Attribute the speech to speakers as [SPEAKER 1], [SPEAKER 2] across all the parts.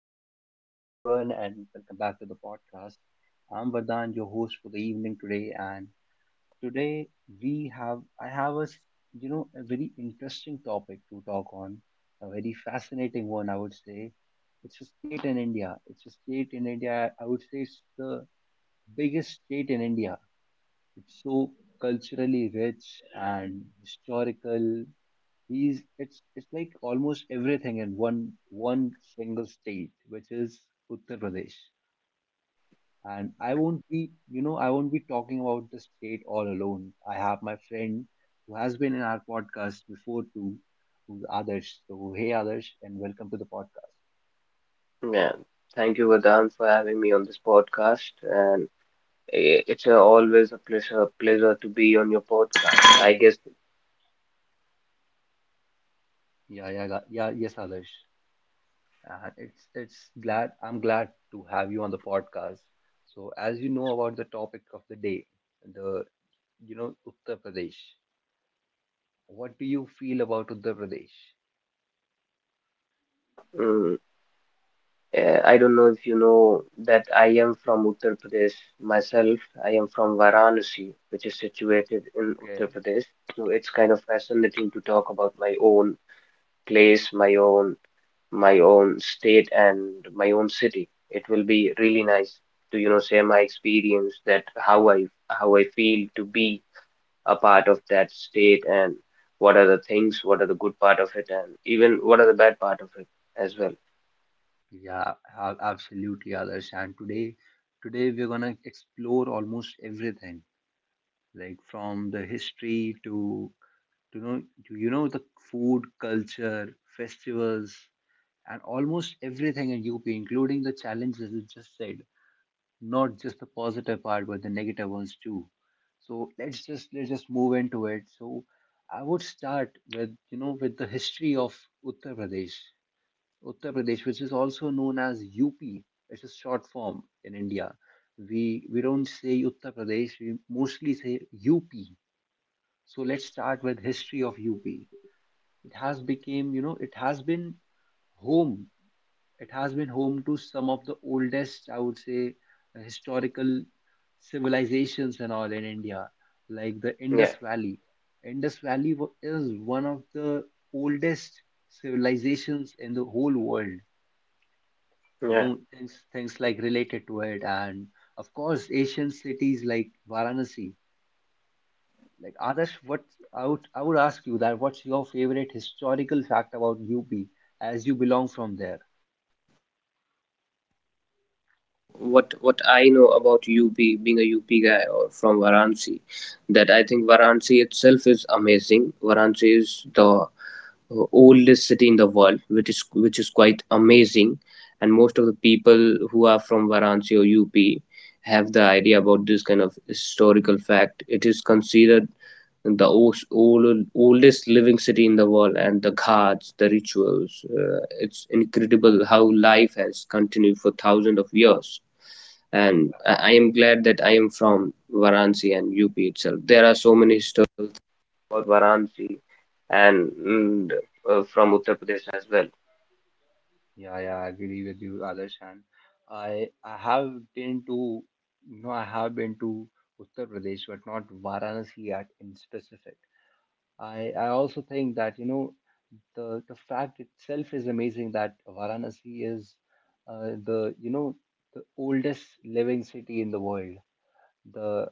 [SPEAKER 1] so hello everyone and welcome back to the podcast. I'm Vardhan, your host for the evening today, and today we have I have a s- you know a very interesting topic to talk on, a very fascinating one I would say. It's a state in India. It's a state in India. I would say it's the biggest state in India. It's so culturally rich and historical he's it's like almost everything in one single state, which is uttar pradesh. And I won't be, I won't be talking about the state all alone. I have my friend who has been in our podcast before too, who's others. So hey others, and welcome to the podcast.
[SPEAKER 2] Yeah, thank you, Vedant, for having me on this podcast. And it's always a pleasure to be on your podcast. I guess,
[SPEAKER 1] Yeah, yes others. And it's glad, I'm glad to have you on the podcast. So as you know about the topic of the day, the, uttar pradesh. What do you feel about Uttar Pradesh?
[SPEAKER 2] yeah, I don't know if you know that I am from Uttar Pradesh myself. I am from Varanasi, which is situated in Uttar
[SPEAKER 1] Okay.
[SPEAKER 2] Pradesh. So it's kind of fascinating to talk about my own place, my own state and my own city. It will be really nice to share my experience that how I feel to be a part of that state, and what are the things, what are the good part of it, and even what are the bad part of it as well.
[SPEAKER 1] Absolutely, others. And today, today we're gonna explore almost everything, like from the history to know to, you know the food, culture, festivals, and almost everything in UP, including the challenges you just said. Not just the positive part, but the negative ones too. So let's just move into it. So I would start with, with the history of Uttar Pradesh. Uttar Pradesh, which is also known as UP. It's a short form in India. We don't say Uttar Pradesh, we mostly say UP. So let's start with history of UP. It has became, you know, it has been home. It has been home to some of the oldest, I would say, historical civilizations and all in India, like the
[SPEAKER 2] Yeah,
[SPEAKER 1] Indus Valley. Is one of the oldest civilizations in the whole world. You
[SPEAKER 2] yeah.
[SPEAKER 1] know, things like related to it, and of course asian cities like varanasi, like Adarsh. What I would ask you, that what's your favorite historical fact about UP as you belong from there? Yeah, yeah, I agree with you, Adarsh. And I I have been to I have been to Uttar Pradesh, but not Varanasi at in specific. I also think that, you know, the fact itself is amazing, that Varanasi is, the you know the oldest living city in the world. The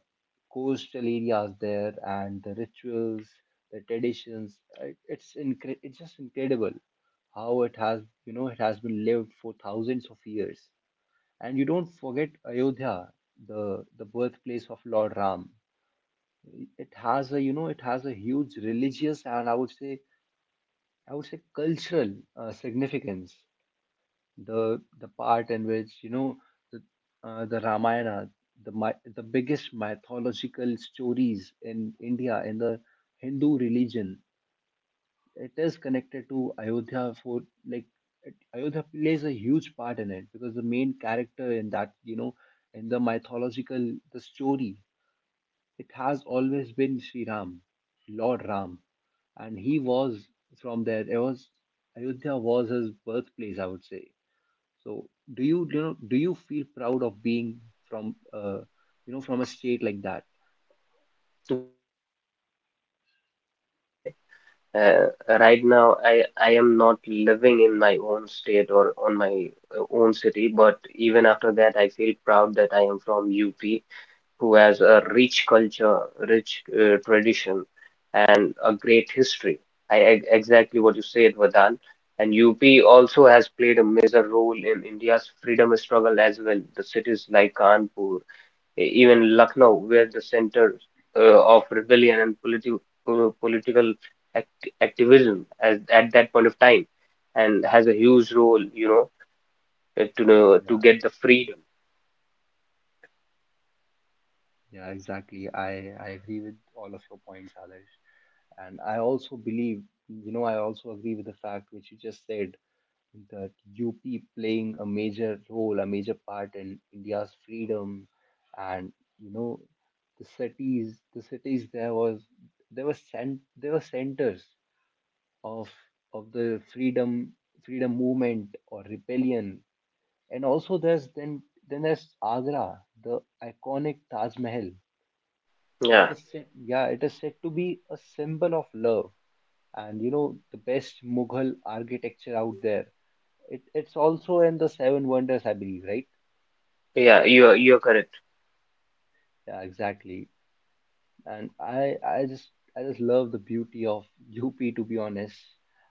[SPEAKER 1] coastal areas there and the rituals, the traditions. It's just incredible how it has, it has been lived for thousands of years. And you don't forget Ayodhya, the birthplace of Lord Ram. It has a, it has a huge religious and I would say cultural significance. The part in which, you know, the the Ramayana, the biggest mythological stories in India in the Hindu religion, it is connected to Ayodhya for, like, it, Ayodhya plays a huge part in it, because the main character in that, in the mythological the story, it has always been Sri Ram, Lord Ram, and he was from there. It was, Ayodhya was his birthplace, I would say. So do you, you know do you feel proud of being from, from a state like that?
[SPEAKER 2] Definitely. I feel proud every single day. Uh, right now, I am not living in my own state or on my own city, but even after that, I feel proud that I am from UP, who has a rich culture, rich tradition, and a great history. Exactly what you said, Vardhan. And UP also has played a major role in India's freedom struggle as well. The cities like Kanpur, even Lucknow, where the center of rebellion and political activism at that point of time, and has a huge role, to get the freedom.
[SPEAKER 1] Yeah, exactly. I agree with all of your points, Adarsh. And I also believe, you know, I also agree with the fact which you just said, that UP playing a major role, a major part in India's freedom, and, you know, the cities there was there were cent there were centers of of the freedom movement or rebellion. And also there's, then there's Agra, the iconic Taj Mahal. It
[SPEAKER 2] Yeah,
[SPEAKER 1] is said, yeah, it is said to be a symbol of love and, you know, the best Mughal architecture out there. It's also in the Seven Wonders, I believe, right?
[SPEAKER 2] yeah, you're correct.
[SPEAKER 1] Yeah, exactly. And I just love the beauty of UP, to be honest.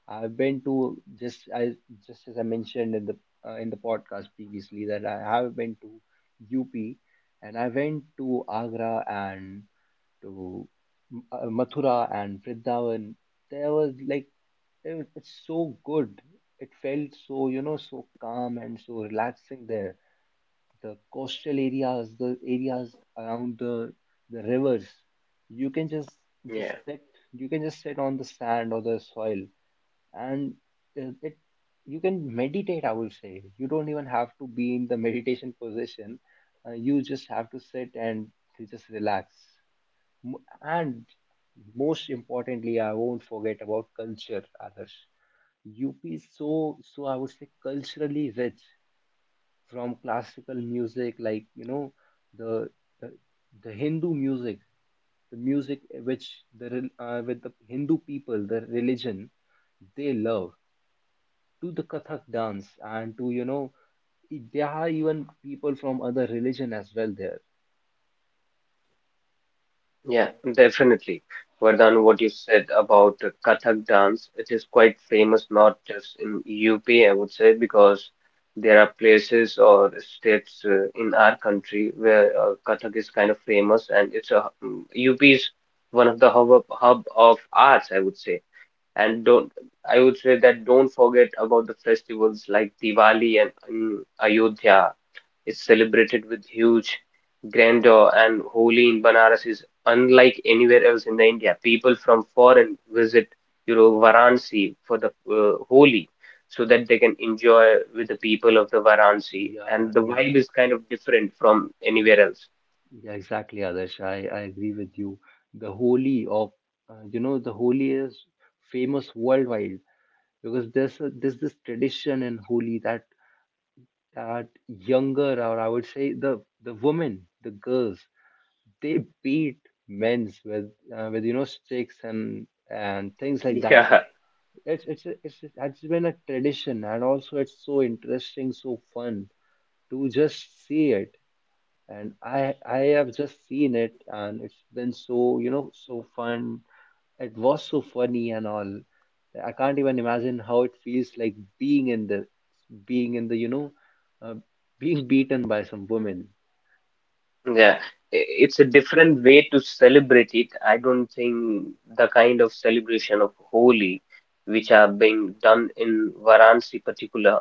[SPEAKER 1] I've been to just I just As I mentioned in the, in the podcast previously, that I have been to UP, and I went to Agra and to Mathura and Vrindavan. There was like, it was, it's so good. It felt so, so calm and so relaxing there, the coastal areas, the areas around the rivers. You can just
[SPEAKER 2] Yeah.
[SPEAKER 1] just sit. You can just sit on the sand or the soil, and it you can meditate. I would say you don't even have to be in the meditation position. You just have to sit and to just relax. M- And most importantly, I won't forget about culture, Adarsh. UP is so, so, I would say, culturally rich, from classical music, like, you know, the the, the Hindu music, the music which with the Hindu people, the religion they love, to the Kathak dance, and to, there are even people from other religion as well there.
[SPEAKER 2] Yeah, definitely. Vardhan, what you said about the Kathak dance, it is quite famous not just in UP, I would say, because there are places or states in our country where Kathak is kind of famous, and UP is one of the hub of arts, I would say. And don't I would say that don't forget about the festivals like Diwali, and Ayodhya is celebrated with huge grandeur, and Holi in Banaras is unlike anywhere else in the India. People from foreign visit Varanasi for the Holi, so that they can enjoy with the people of the Varanasi, and
[SPEAKER 1] Yeah,
[SPEAKER 2] the vibe
[SPEAKER 1] yeah,
[SPEAKER 2] is kind of different from anywhere else.
[SPEAKER 1] yeah, exactly, Adarsh. I agree with you. The Holi of, the Holi is famous worldwide, because there's a, there's this tradition in Holi, that younger, or I would say the women, the girls, they beat men's with, with sticks and things like that.
[SPEAKER 2] Yeah,
[SPEAKER 1] It's been a tradition, and also it's so interesting, so fun to just see it. And I have just seen it, and it's been so, so fun, it was so funny and all. I can't even imagine how it feels like being in the, you know, uh, being beaten by some women.
[SPEAKER 2] yeah. It's a different way to celebrate it. I don't think the kind of celebration of Holi, which are being done in Varanasi particular,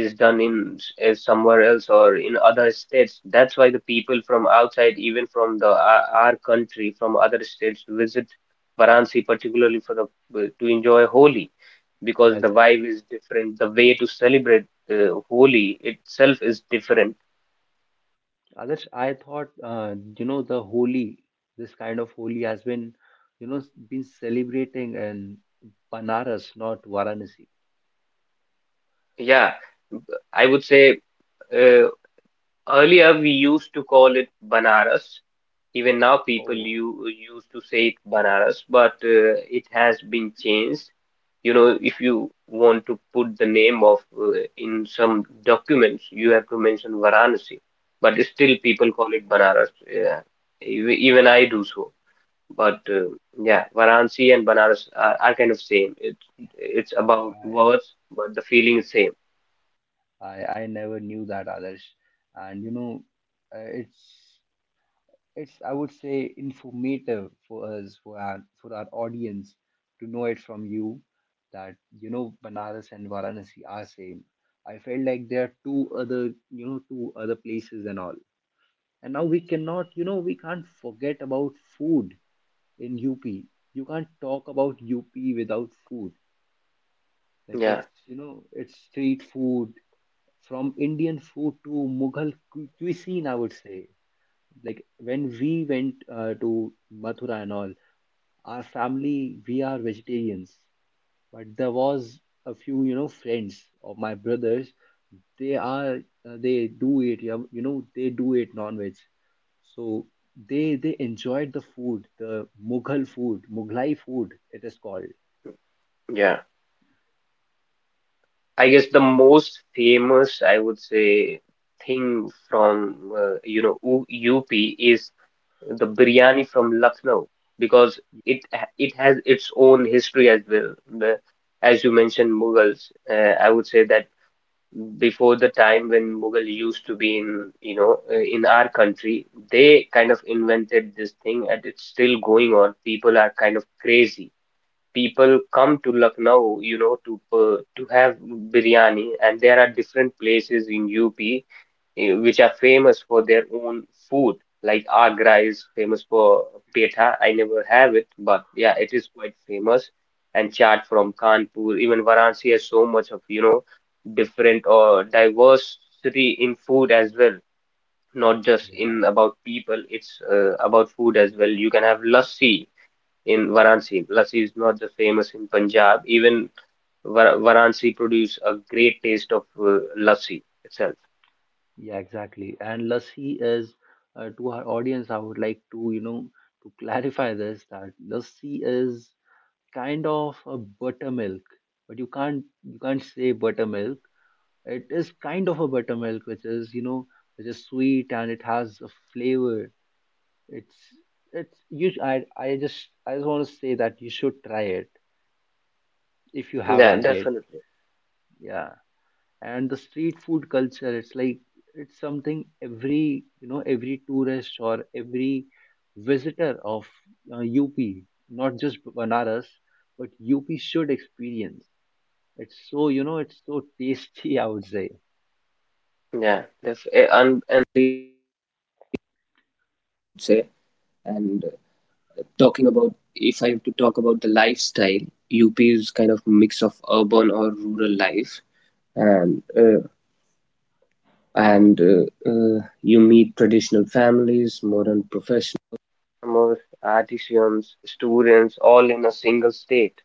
[SPEAKER 2] is done is somewhere else or in other states. That's why the people from outside, even from the our country, from other states, visit Varanasi particularly for the to enjoy Holi, because
[SPEAKER 1] Yeah,
[SPEAKER 2] the
[SPEAKER 1] exactly.
[SPEAKER 2] vibe is different. The way to celebrate uh, Holi itself is different.
[SPEAKER 1] Others, I thought, you know, the Holi, this kind of Holi has been, you know, been celebrating in Banaras, not Varanasi.
[SPEAKER 2] Yeah, I would say. Uh, Earlier, we used to call it Banaras. Even now, people
[SPEAKER 1] Oh,
[SPEAKER 2] you used to say it Banaras, but it has been changed. You know, if you want to put the name of in some documents, you have to mention Varanasi, but still people call it Banaras. Yeah. Even I do so. But yeah, Varanasi and Banaras are, kind of same. It's
[SPEAKER 1] oh,
[SPEAKER 2] about words, but the feeling is same.
[SPEAKER 1] I never knew that, others. And you know, uh, it's it's, I would say, informative for us, for our audience to know it from you, that, you
[SPEAKER 2] Yeah,
[SPEAKER 1] know, Banaras and Varanasi are same. I felt like there are two other, you know, two other places and all. And now we cannot, you know, we can't forget about food in UP. You can't talk about UP without food. Like,
[SPEAKER 2] yeah,
[SPEAKER 1] it's, you know, it's street food, from Indian food to Mughal cuisine, I would say. Like when we went to Mathura and all, our family, we are vegetarians, but there was a few, you know, friends of my brothers. They are, they do eat, yeah, you know, they do eat non-veg. So they enjoyed the food, the Mughal food, Mughlai food, it is called.
[SPEAKER 2] yeah. I guess the most famous, I would say, thing from UP is the biryani from Lucknow, because it has its own history as well. The, as you mentioned, Mughals, I would say that before the time when Mughal used to be in you know in our country, they kind of invented this thing, and it's still going on. People are kind of crazy. People come to Lucknow, to have biryani, and there are different places in UP which are famous for their own food. Like Agra is famous for petha. I never have it, but yeah, it is quite famous. And chaat from Kanpur, even Varanasi has so much of, you know, different or diversity in food as well. Not just
[SPEAKER 1] Yeah,
[SPEAKER 2] in about people, it's about food as well. You can have lassi in Varanasi. Lassi is not just famous in Punjab. Even Varanasi produce a great taste of lassi itself.
[SPEAKER 1] yeah, exactly. And lassi is, to our audience, I would like to, you know, to clarify this, that lassi is kind of a buttermilk, but you can't say buttermilk. It is kind of a buttermilk, which is, you know, which is sweet and it has a flavor. It's it's you. I just want to say that you should try it if you
[SPEAKER 2] Yeah,
[SPEAKER 1] haven't yet.
[SPEAKER 2] definitely.
[SPEAKER 1] Yeah, and the street food culture. It's like it's something every, every tourist or every visitor of, UP, not just Banaras, but UP should experience. It's so, you know, it's so tasty, I would say.
[SPEAKER 2] Yeah, def uh, all in a single state.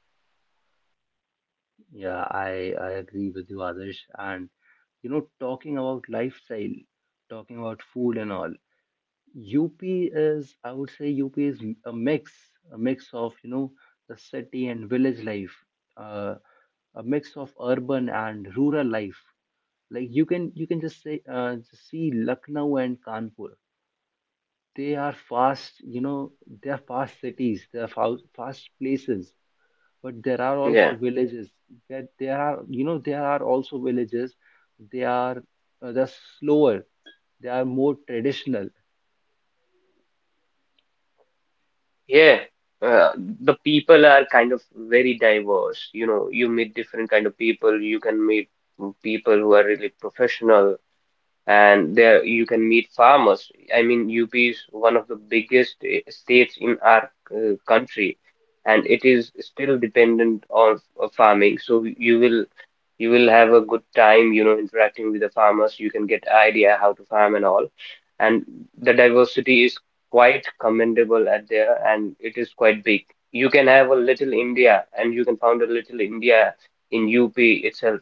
[SPEAKER 1] Yeah, I agree with you, Adarsh. And you know, talking about lifestyle, talking about food and all, UP is, I would say, UP is a mix of, you know, the city and village life, uh, a mix of urban and rural life. Like you can just say, just see Lucknow and Kanpur. They are fast, you know, they are fast cities, fast places, but there are
[SPEAKER 2] Yeah,
[SPEAKER 1] also villages. That There are, you know, there are also villages. They are they're slower, they are more traditional.
[SPEAKER 2] yeah. Uh, the people are kind of very diverse. You know, you meet different kind of people. You can meet people who are really professional, and there you can meet farmers. I mean, UP is one of the biggest states in our country, and it is still dependent on farming. So you will have a good time, you know, interacting with the farmers. You can get idea how to farm and all. And the diversity is quite commendable at there, and it is quite big. You can have a little India, and you can found a little India in UP itself.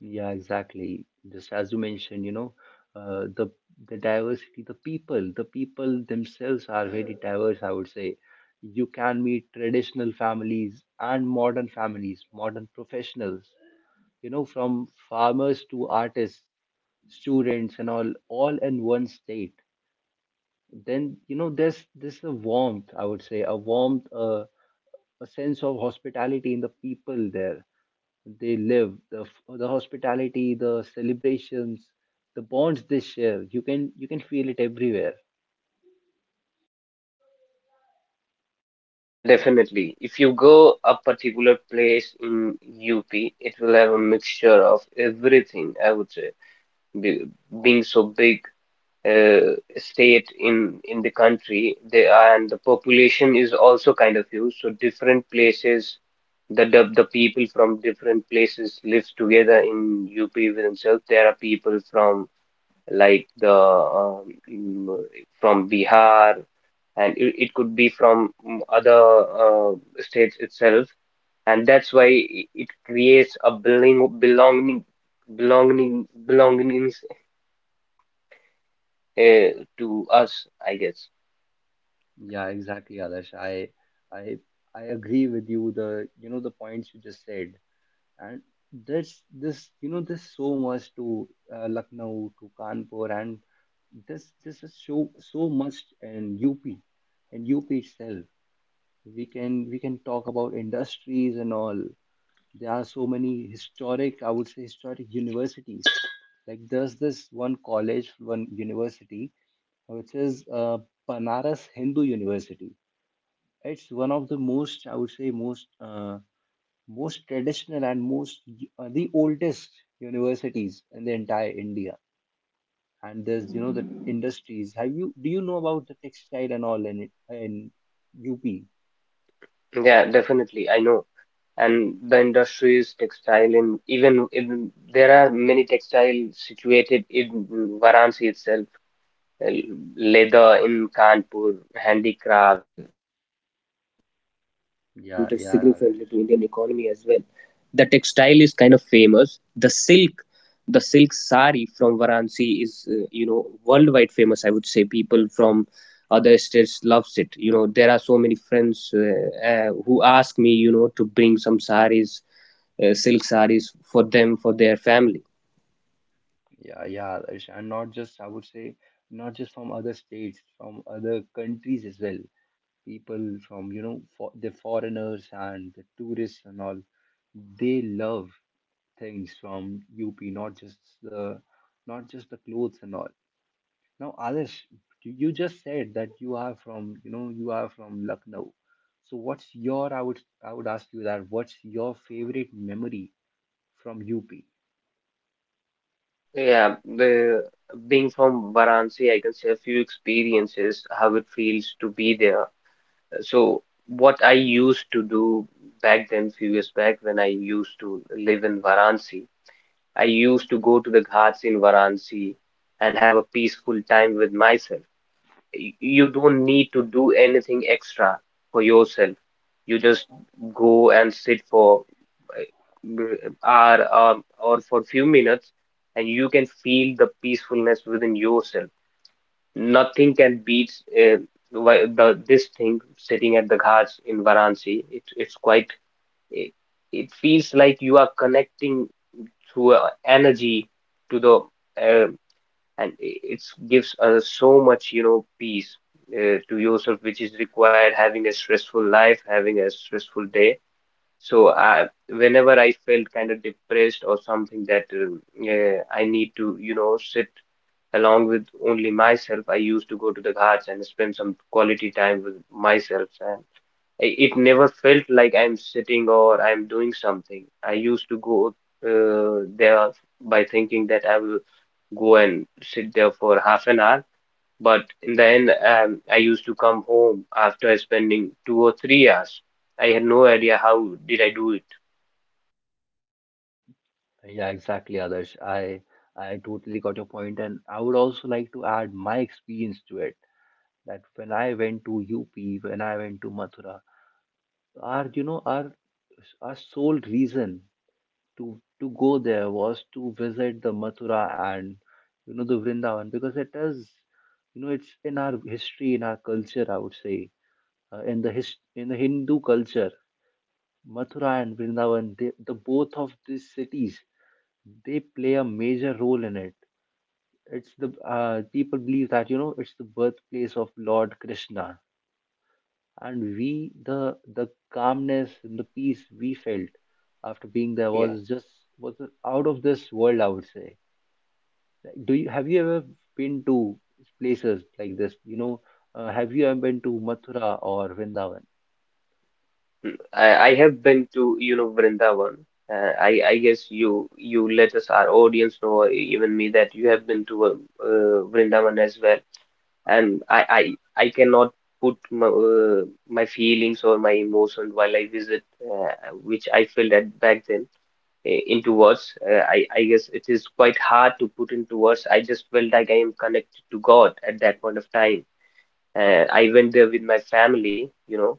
[SPEAKER 1] Yeah, exactly. Just as you mentioned, you know, uh, the the diversity, the people, the people themselves are very diverse, I would say. You can meet traditional families and modern families, modern professionals, you know, from farmers to artists, students and all in one state. Then, you know, there's this a warmth, I would say a warmth, a sense of hospitality in the people there. They live the hospitality, the celebrations, the bonds they share. You can feel it everywhere.
[SPEAKER 2] Yeah, definitely. If you go a particular place in UP, it will have a mixture of everything, I would say. Be Being so big state in the country they, and the population is also kind of huge, so different places the people from different places lives together in UP with themselves. There are people from like the um, mm, from Bihar, and it could be from other uh, states itself, and that's why it creates a belongings to us, I guess.
[SPEAKER 1] Yeah, exactly, Adarsh. I i i agree with you, the, you know, the points you just said. And there's this, you know, there's so much to Lucknow to Kanpur, and this is so so much in UP, in UP itself. We can talk about industries and all. There are so many historic, I would say historic, universities. Like there's this one college, one university, which is Banaras Hindu University. It's one of the most, I would say most, most traditional and most the oldest universities in the entire India. And there's, you know, the industries. Have you, do you know about the textile and all in in UP?
[SPEAKER 2] Yeah, definitely. I know. And the industry is textile in even in, there are many textile situated in Varanasi itself, uh, leather in Kanpur, handicraft.
[SPEAKER 1] Yeah, yeah. Yeah, yeah, Adarsh, and not just, I would say, not just from other states, from other countries as well. People from, you know, the foreigners and the tourists and all, they love things from UP, not just the, not just the clothes and all. Now, Adarsh, you just said that you are from, you know, you are from Lucknow. So what's your, I would ask you that, what's your favorite memory from UP?
[SPEAKER 2] Yeah, the being from Varanasi, I can say a few experiences how it feels to be there. So what I used to do back then, few years back when I used to live in Varanasi, I used to go to the ghats in Varanasi and have a peaceful time with myself. You don't need to do anything extra for yourself. You just go and sit for uh, m- hour or for few minutes, and you can feel the peacefulness within yourself. Nothing can beat uh, why- the this thing, sitting at the ghats in Varanasi. It's quite. It, it feels like you are connecting through energy to the uh, and it gives us so much peace to yourself, which is required, having a stressful life, having a stressful day. So whenever I felt kind of depressed or something that I need to sit along with only myself, I used to go to the ghats and spend some quality time with myself. It never felt like I'm sitting or I'm doing something. I used to go there by thinking that I will go and sit there for half an hour. But in the end, I used to come home after spending 2 or 3 hours. I had no idea how did I do it.
[SPEAKER 1] Yeah, exactly, Adarsh. I totally got your point, and I would also like to add my experience to it. That when I went to UP, when I went to Mathura, our you know our sole reason to go there was to visit the Mathura and, you know, the Vrindavan, because it is, you know, it's in our history, in our culture, I would say, in the Hindu culture. Mathura and Vrindavan, they, the both of these cities, they play a major role in it. It's the, people believe that, you know, it's the birthplace of Lord Krishna, and we, the calmness and the peace we felt after being there
[SPEAKER 2] Yeah,
[SPEAKER 1] was just, was out of this world, I would say. Like, Do you have you ever been to places like this? You know, have you ever been to Mathura or Vrindavan?
[SPEAKER 2] I have been to Vrindavan. I guess you let us our audience know, or even me, that you have been to Vrindavan as well. And I cannot put my feelings or my emotions while I visit, which I felt at back then, into words. I guess it is quite hard to put into words. I just felt like I am connected to God at that point of time. I went there with my family, you know,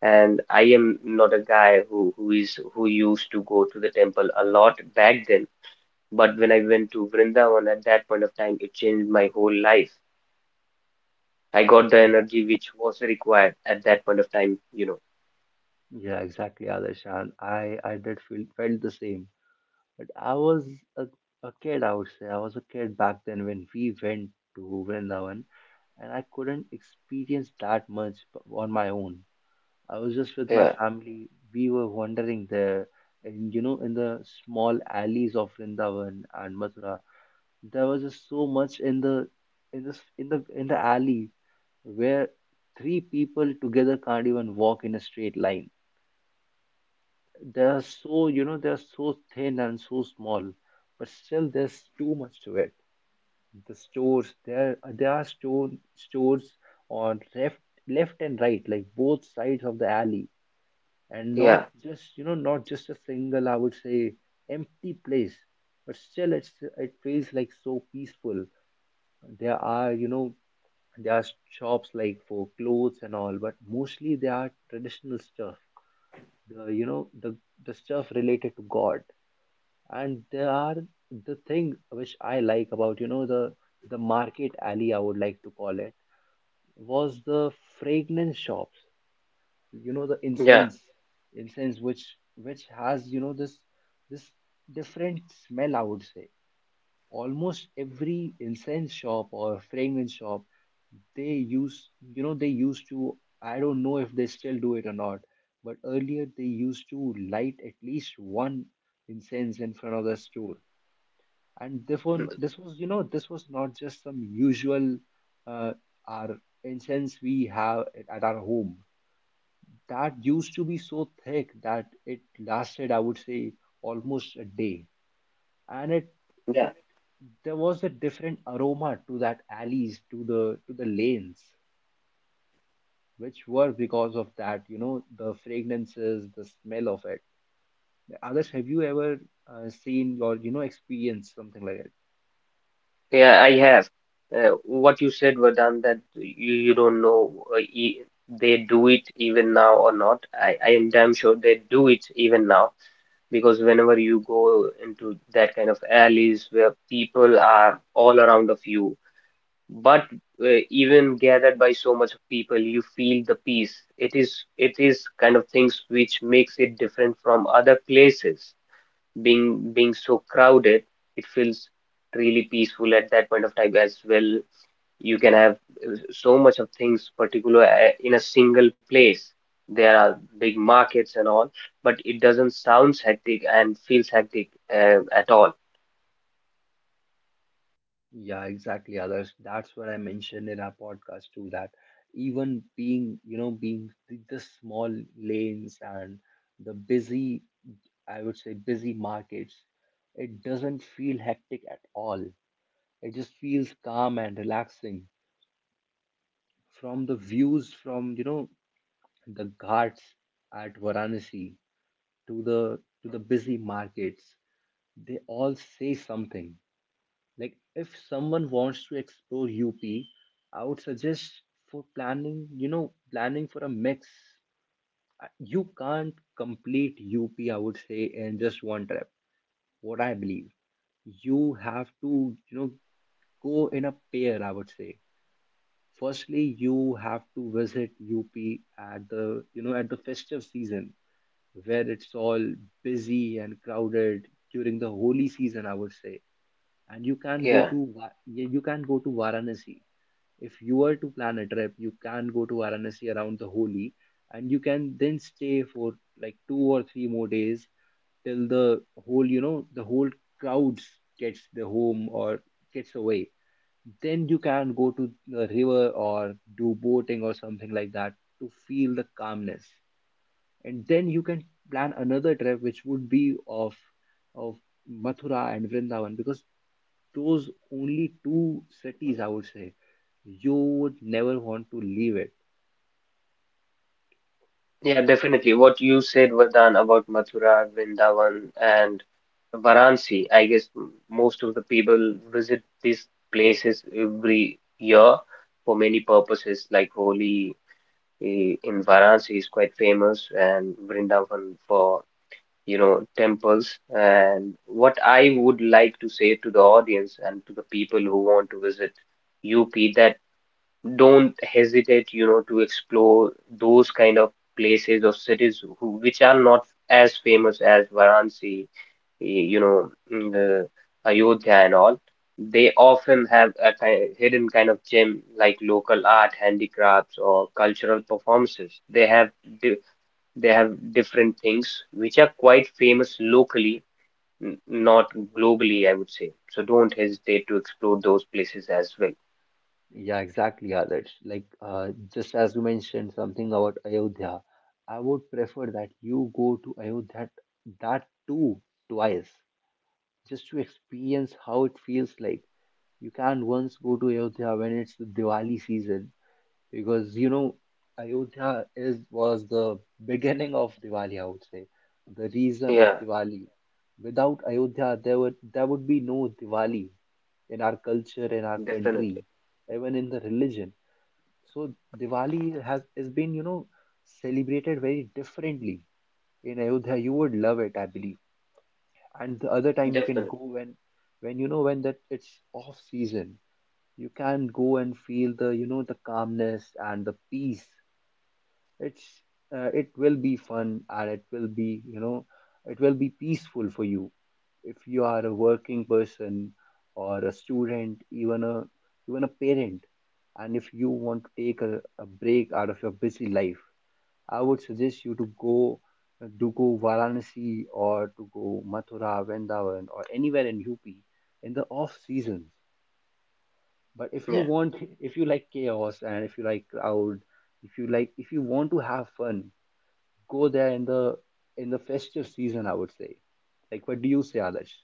[SPEAKER 2] and I am not a guy who used to go to the temple a lot back then. But when I went to Vrindavan at that point of time, it changed my whole life. I got the
[SPEAKER 1] Yeah,
[SPEAKER 2] energy which was required at that point of time, you know.
[SPEAKER 1] yeah, exactly, Adarsh. And I did feel felt the same. But I was a, a kid, I would say. I was a kid back then when we went to Vrindavan, and I couldn't experience that much on my own. I was just with my
[SPEAKER 2] Yeah,
[SPEAKER 1] family. We were wandering there, and, you know, in the small alleys of Vrindavan and Mathura, there was just so much in the in this in the alley, where three people together can't even walk in a straight line. They are so, you know, they are so thin and so small, but still there's too much to it. The stores there are stores on left, left and right, like both sides of the alley, and not
[SPEAKER 2] yeah,
[SPEAKER 1] just, you know, not just a single, I would say, empty place, but still it's, it feels like so peaceful. There are, you know, there are shops like for clothes and all, but mostly they are traditional stuff, the, you know, the stuff related to god. And there are, the thing which I like about, you know, the market alley, I would like to call it, was the fragrance shops, you know, the
[SPEAKER 2] yeah,
[SPEAKER 1] incense. Incense which has, you know, this different smell, I would say. Almost every incense shop or fragrance shop, they used, you know, they used to, I don't know if they still do it or not, but earlier they used to light at least one incense in front of the store. And this one,
[SPEAKER 2] mm,
[SPEAKER 1] this was, you know, this was not just some usual uh, our incense we have at our home. That used to be so thick that it lasted, I would say, almost a day. And it
[SPEAKER 2] yeah,
[SPEAKER 1] it there was a different aroma to that alleys, to the, to the lanes, which were, because of that, you know, the fragrances, the smell of it. Others, have you ever seen or, you know, experienced something like that?
[SPEAKER 2] yeah, I have. What you said, Vedant, that you don't know e they do it even now or not. I am damn sure they do it even now, because whenever you go into that kind of alleys where people are all around of you, but even gathered by so much of people, you feel the peace. It is kind of things which makes it different from other places. Being so crowded, it feels really peaceful at that point of time as well. You can have so much of things particular in a single place. There are big markets and all, but it doesn't sounds hectic and feels hectic at all.
[SPEAKER 1] Yeah, exactly, others. That's what I mentioned in our podcast too, that even being, you know, being the small lanes and the busy, I would say busy markets, it doesn't feel hectic at all. It just feels calm and relaxing. From the views from, you know, the ghats at Varanasi, to the, to the busy markets, they all say something. Like if someone wants to explore UP, I would suggest for planning, you know, planning for a mix. You can't complete UP, I would say, in just one trip. What I believe, you have to, you know, go in a pair, I would say. Firstly, you have to visit UP at the, you know, at the festive season, where it's all busy and crowded, during the holy season, I would say. And you can go
[SPEAKER 2] Yeah.
[SPEAKER 1] to yeah, you can go to Varanasi. If you are to plan a trip, you can go to Varanasi around the Holi, and you can then stay for like two or three more days till the whole, you know, the whole crowds gets the home, or gets away. Then you can go to the river or do boating or something like that to feel the calmness. And then you can plan another trip, which would be of of Mathura and Vrindavan, because those, only two cities, I would say, you would never want to leave it.
[SPEAKER 2] Yeah, definitely. What you said, Vardhan, about Mathura, Vrindavan, and Varanasi, I guess most of the people visit these places every year for many purposes, like Holi in Varanasi is quite famous, and Vrindavan for, you know, temples. And what I would like to say to the audience and to the people who want to visit UP, that don't hesitate, you know, to explore those kind of places or cities who, which are not as famous as Varanasi, the Ayodhya and all. They often have a hidden kind of gem, like local art, handicrafts, or cultural performances. They have di they have different things which are quite famous locally, n not globally, I would say. So don't hesitate to explore those places as well.
[SPEAKER 1] Yeah, exactly, Adarsh. Like just as you mentioned something about Ayodhya, I would prefer that you go to Ayodhya, that too twice, just to experience how it feels like. You can't, once go to Ayodhya when it's the Diwali season, because, you know, Ayodhya is was the beginning of Diwali, I would say, the reason of
[SPEAKER 2] Yeah,
[SPEAKER 1] Diwali. Without Ayodhya, there would, there would be no Diwali in our culture, in our country,
[SPEAKER 2] definitely,
[SPEAKER 1] even in the religion. So Diwali has been, you know, celebrated very differently in Ayodhya. You would love it, I believe. And the other time you can
[SPEAKER 2] definitely.
[SPEAKER 1] go, when you know, when that it's off season, you can go and feel the, you know, the calmness and the peace. It's it will be fun, and it will be, you know, it will be peaceful for you if you are a working person, or a student, even a, even a parent. And if you want to take a break out of your busy life, I would suggest you to go to go Varanasi, or to go Mathura Vrindavan, or anywhere in UP, in the off seasons. But if you
[SPEAKER 2] Yeah,
[SPEAKER 1] want, if you like chaos, and if you like crowd, if you want to have fun, go there in the, in the festive season, I would say. Like, what do you say, Adarsh?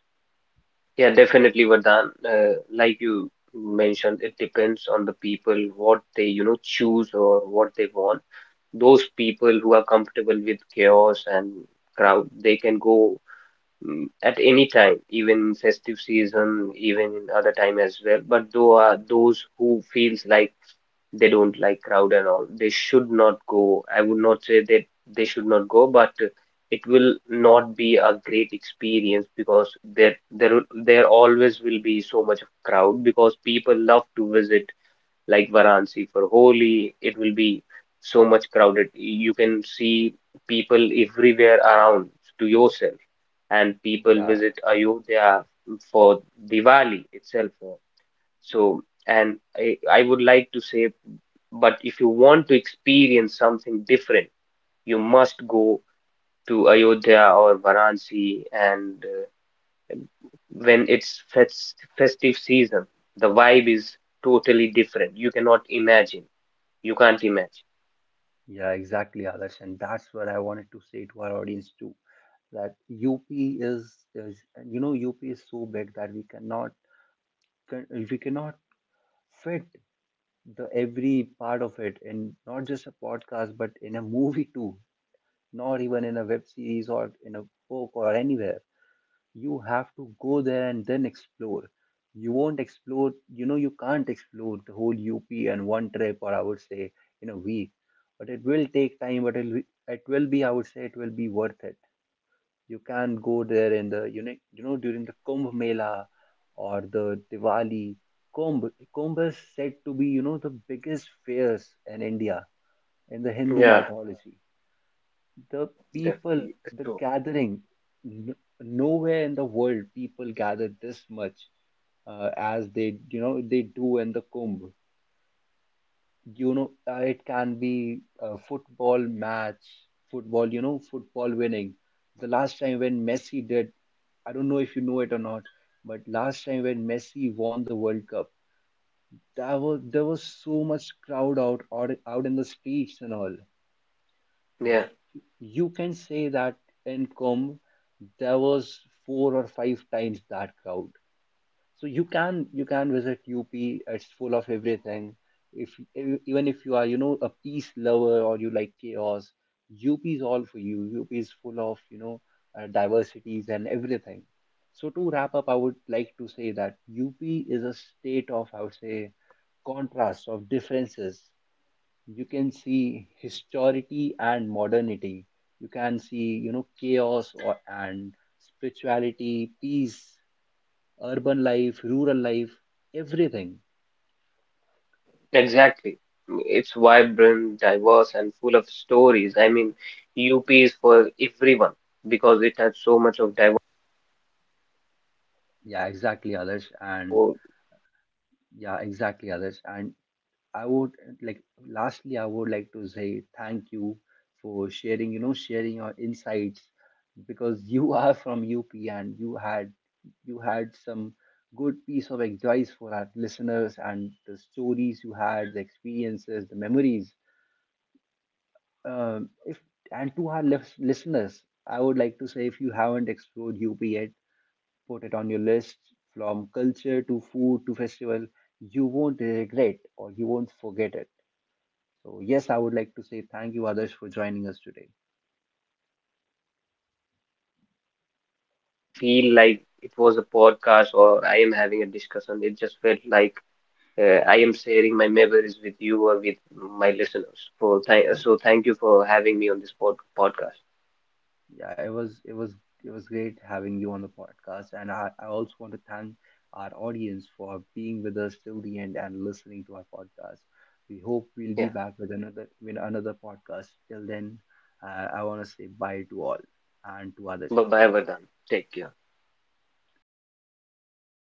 [SPEAKER 2] yeah, definitely, Vardhan. Like you mentioned, it depends on the people, what they choose or what they want. Those people who are comfortable with chaos and crowd, they can go at any time, even in festive season, even in other time as well. But though are those who feels like they don't like crowd and all, they should not go. I would not say that they should not go, but it will not be a great experience, because there always will be so much of crowd, because people love to visit like Varanasi for Holi. It will be so much crowded. You can see people everywhere around to yourself, and people
[SPEAKER 1] Yeah,
[SPEAKER 2] visit Ayodhya for Diwali itself. So, and I would like to say, but if you want to experience something different, you must go to Ayodhya or Varanasi. And when it's festive season, the vibe is totally different. You cannot imagine. You can't imagine.
[SPEAKER 1] yeah, exactly, Adarsh, and that's what I wanted to say to our audience too. That UP is, you know, UP is so big that we cannot we cannot fit the every part of it in not just a podcast, but in a movie too, not even in a web series or in a book or anywhere. You have to go there and then explore. You won't explore, you know, you can't explore the whole UP in one trip, or I would say in a week, but it will take time, but it will be, I would say it will be worth it. You can go there in the, you know, you know, during the Kumbh Mela or the Diwali. Kumbh, Kumbh is said to be, you know, the biggest fairs in India in the Hindu
[SPEAKER 2] Yeah,
[SPEAKER 1] mythology, the people,
[SPEAKER 2] definitely.
[SPEAKER 1] the
[SPEAKER 2] So,
[SPEAKER 1] gathering. N- nowhere in the world people gather this much as they, you know, they do in the Kumbh. You know, it can be a football match, football, you know, football winning. The last time when Messi did, I don't know if you know it or not, but last time when Messi won the World Cup, there was, there was so much crowd out in the streets and all.
[SPEAKER 2] yeah,
[SPEAKER 1] You can say that in Kum there was four or five times that crowd. So you can, you can visit UP. It's full of everything. If even if you are, you know, a peace lover or you like chaos, UP is all for you. UP is full of, you know, diversities and everything. So to wrap up, I would like to say that UP is a state of, I would say, contrast of differences. You can see historicity and modernity, you can see, you know, chaos and spirituality, peace, urban life, rural life, everything.
[SPEAKER 2] exactly. It's vibrant, diverse, and full of stories. I mean, UP is for everyone, because it has so much of
[SPEAKER 1] Yeah, exactly, others, and
[SPEAKER 2] diversity.
[SPEAKER 1] yeah exactly others and I would like, lastly I would like to say thank you for sharing, you know, sharing your insights, because you are from UP, and you had, you had some good piece of advice for our listeners, and the stories you had, the experiences, the memories. If and to our listeners, I would like to say, if you haven't explored UP yet, put it on your list. From culture to food to festival, you won't regret, or you won't forget it. So yes, I would like to say thank you, Adarsh, for joining us today.
[SPEAKER 2] I didn't feel like it was a podcast, or I am having a discussion. It just felt like I am sharing my memories with you or with my listeners. For th so thank you for having me on this podcast.
[SPEAKER 1] Yeah, it was, it was, it was great having you on the podcast, and I also want to thank our audience for being with us till the end and listening to our podcast. We hope we'll be
[SPEAKER 2] Yeah.
[SPEAKER 1] back with another, with another podcast. Till then, I want to say bye to all and to others
[SPEAKER 2] Bye
[SPEAKER 1] as well.
[SPEAKER 2] bye, Vardhan. Take care.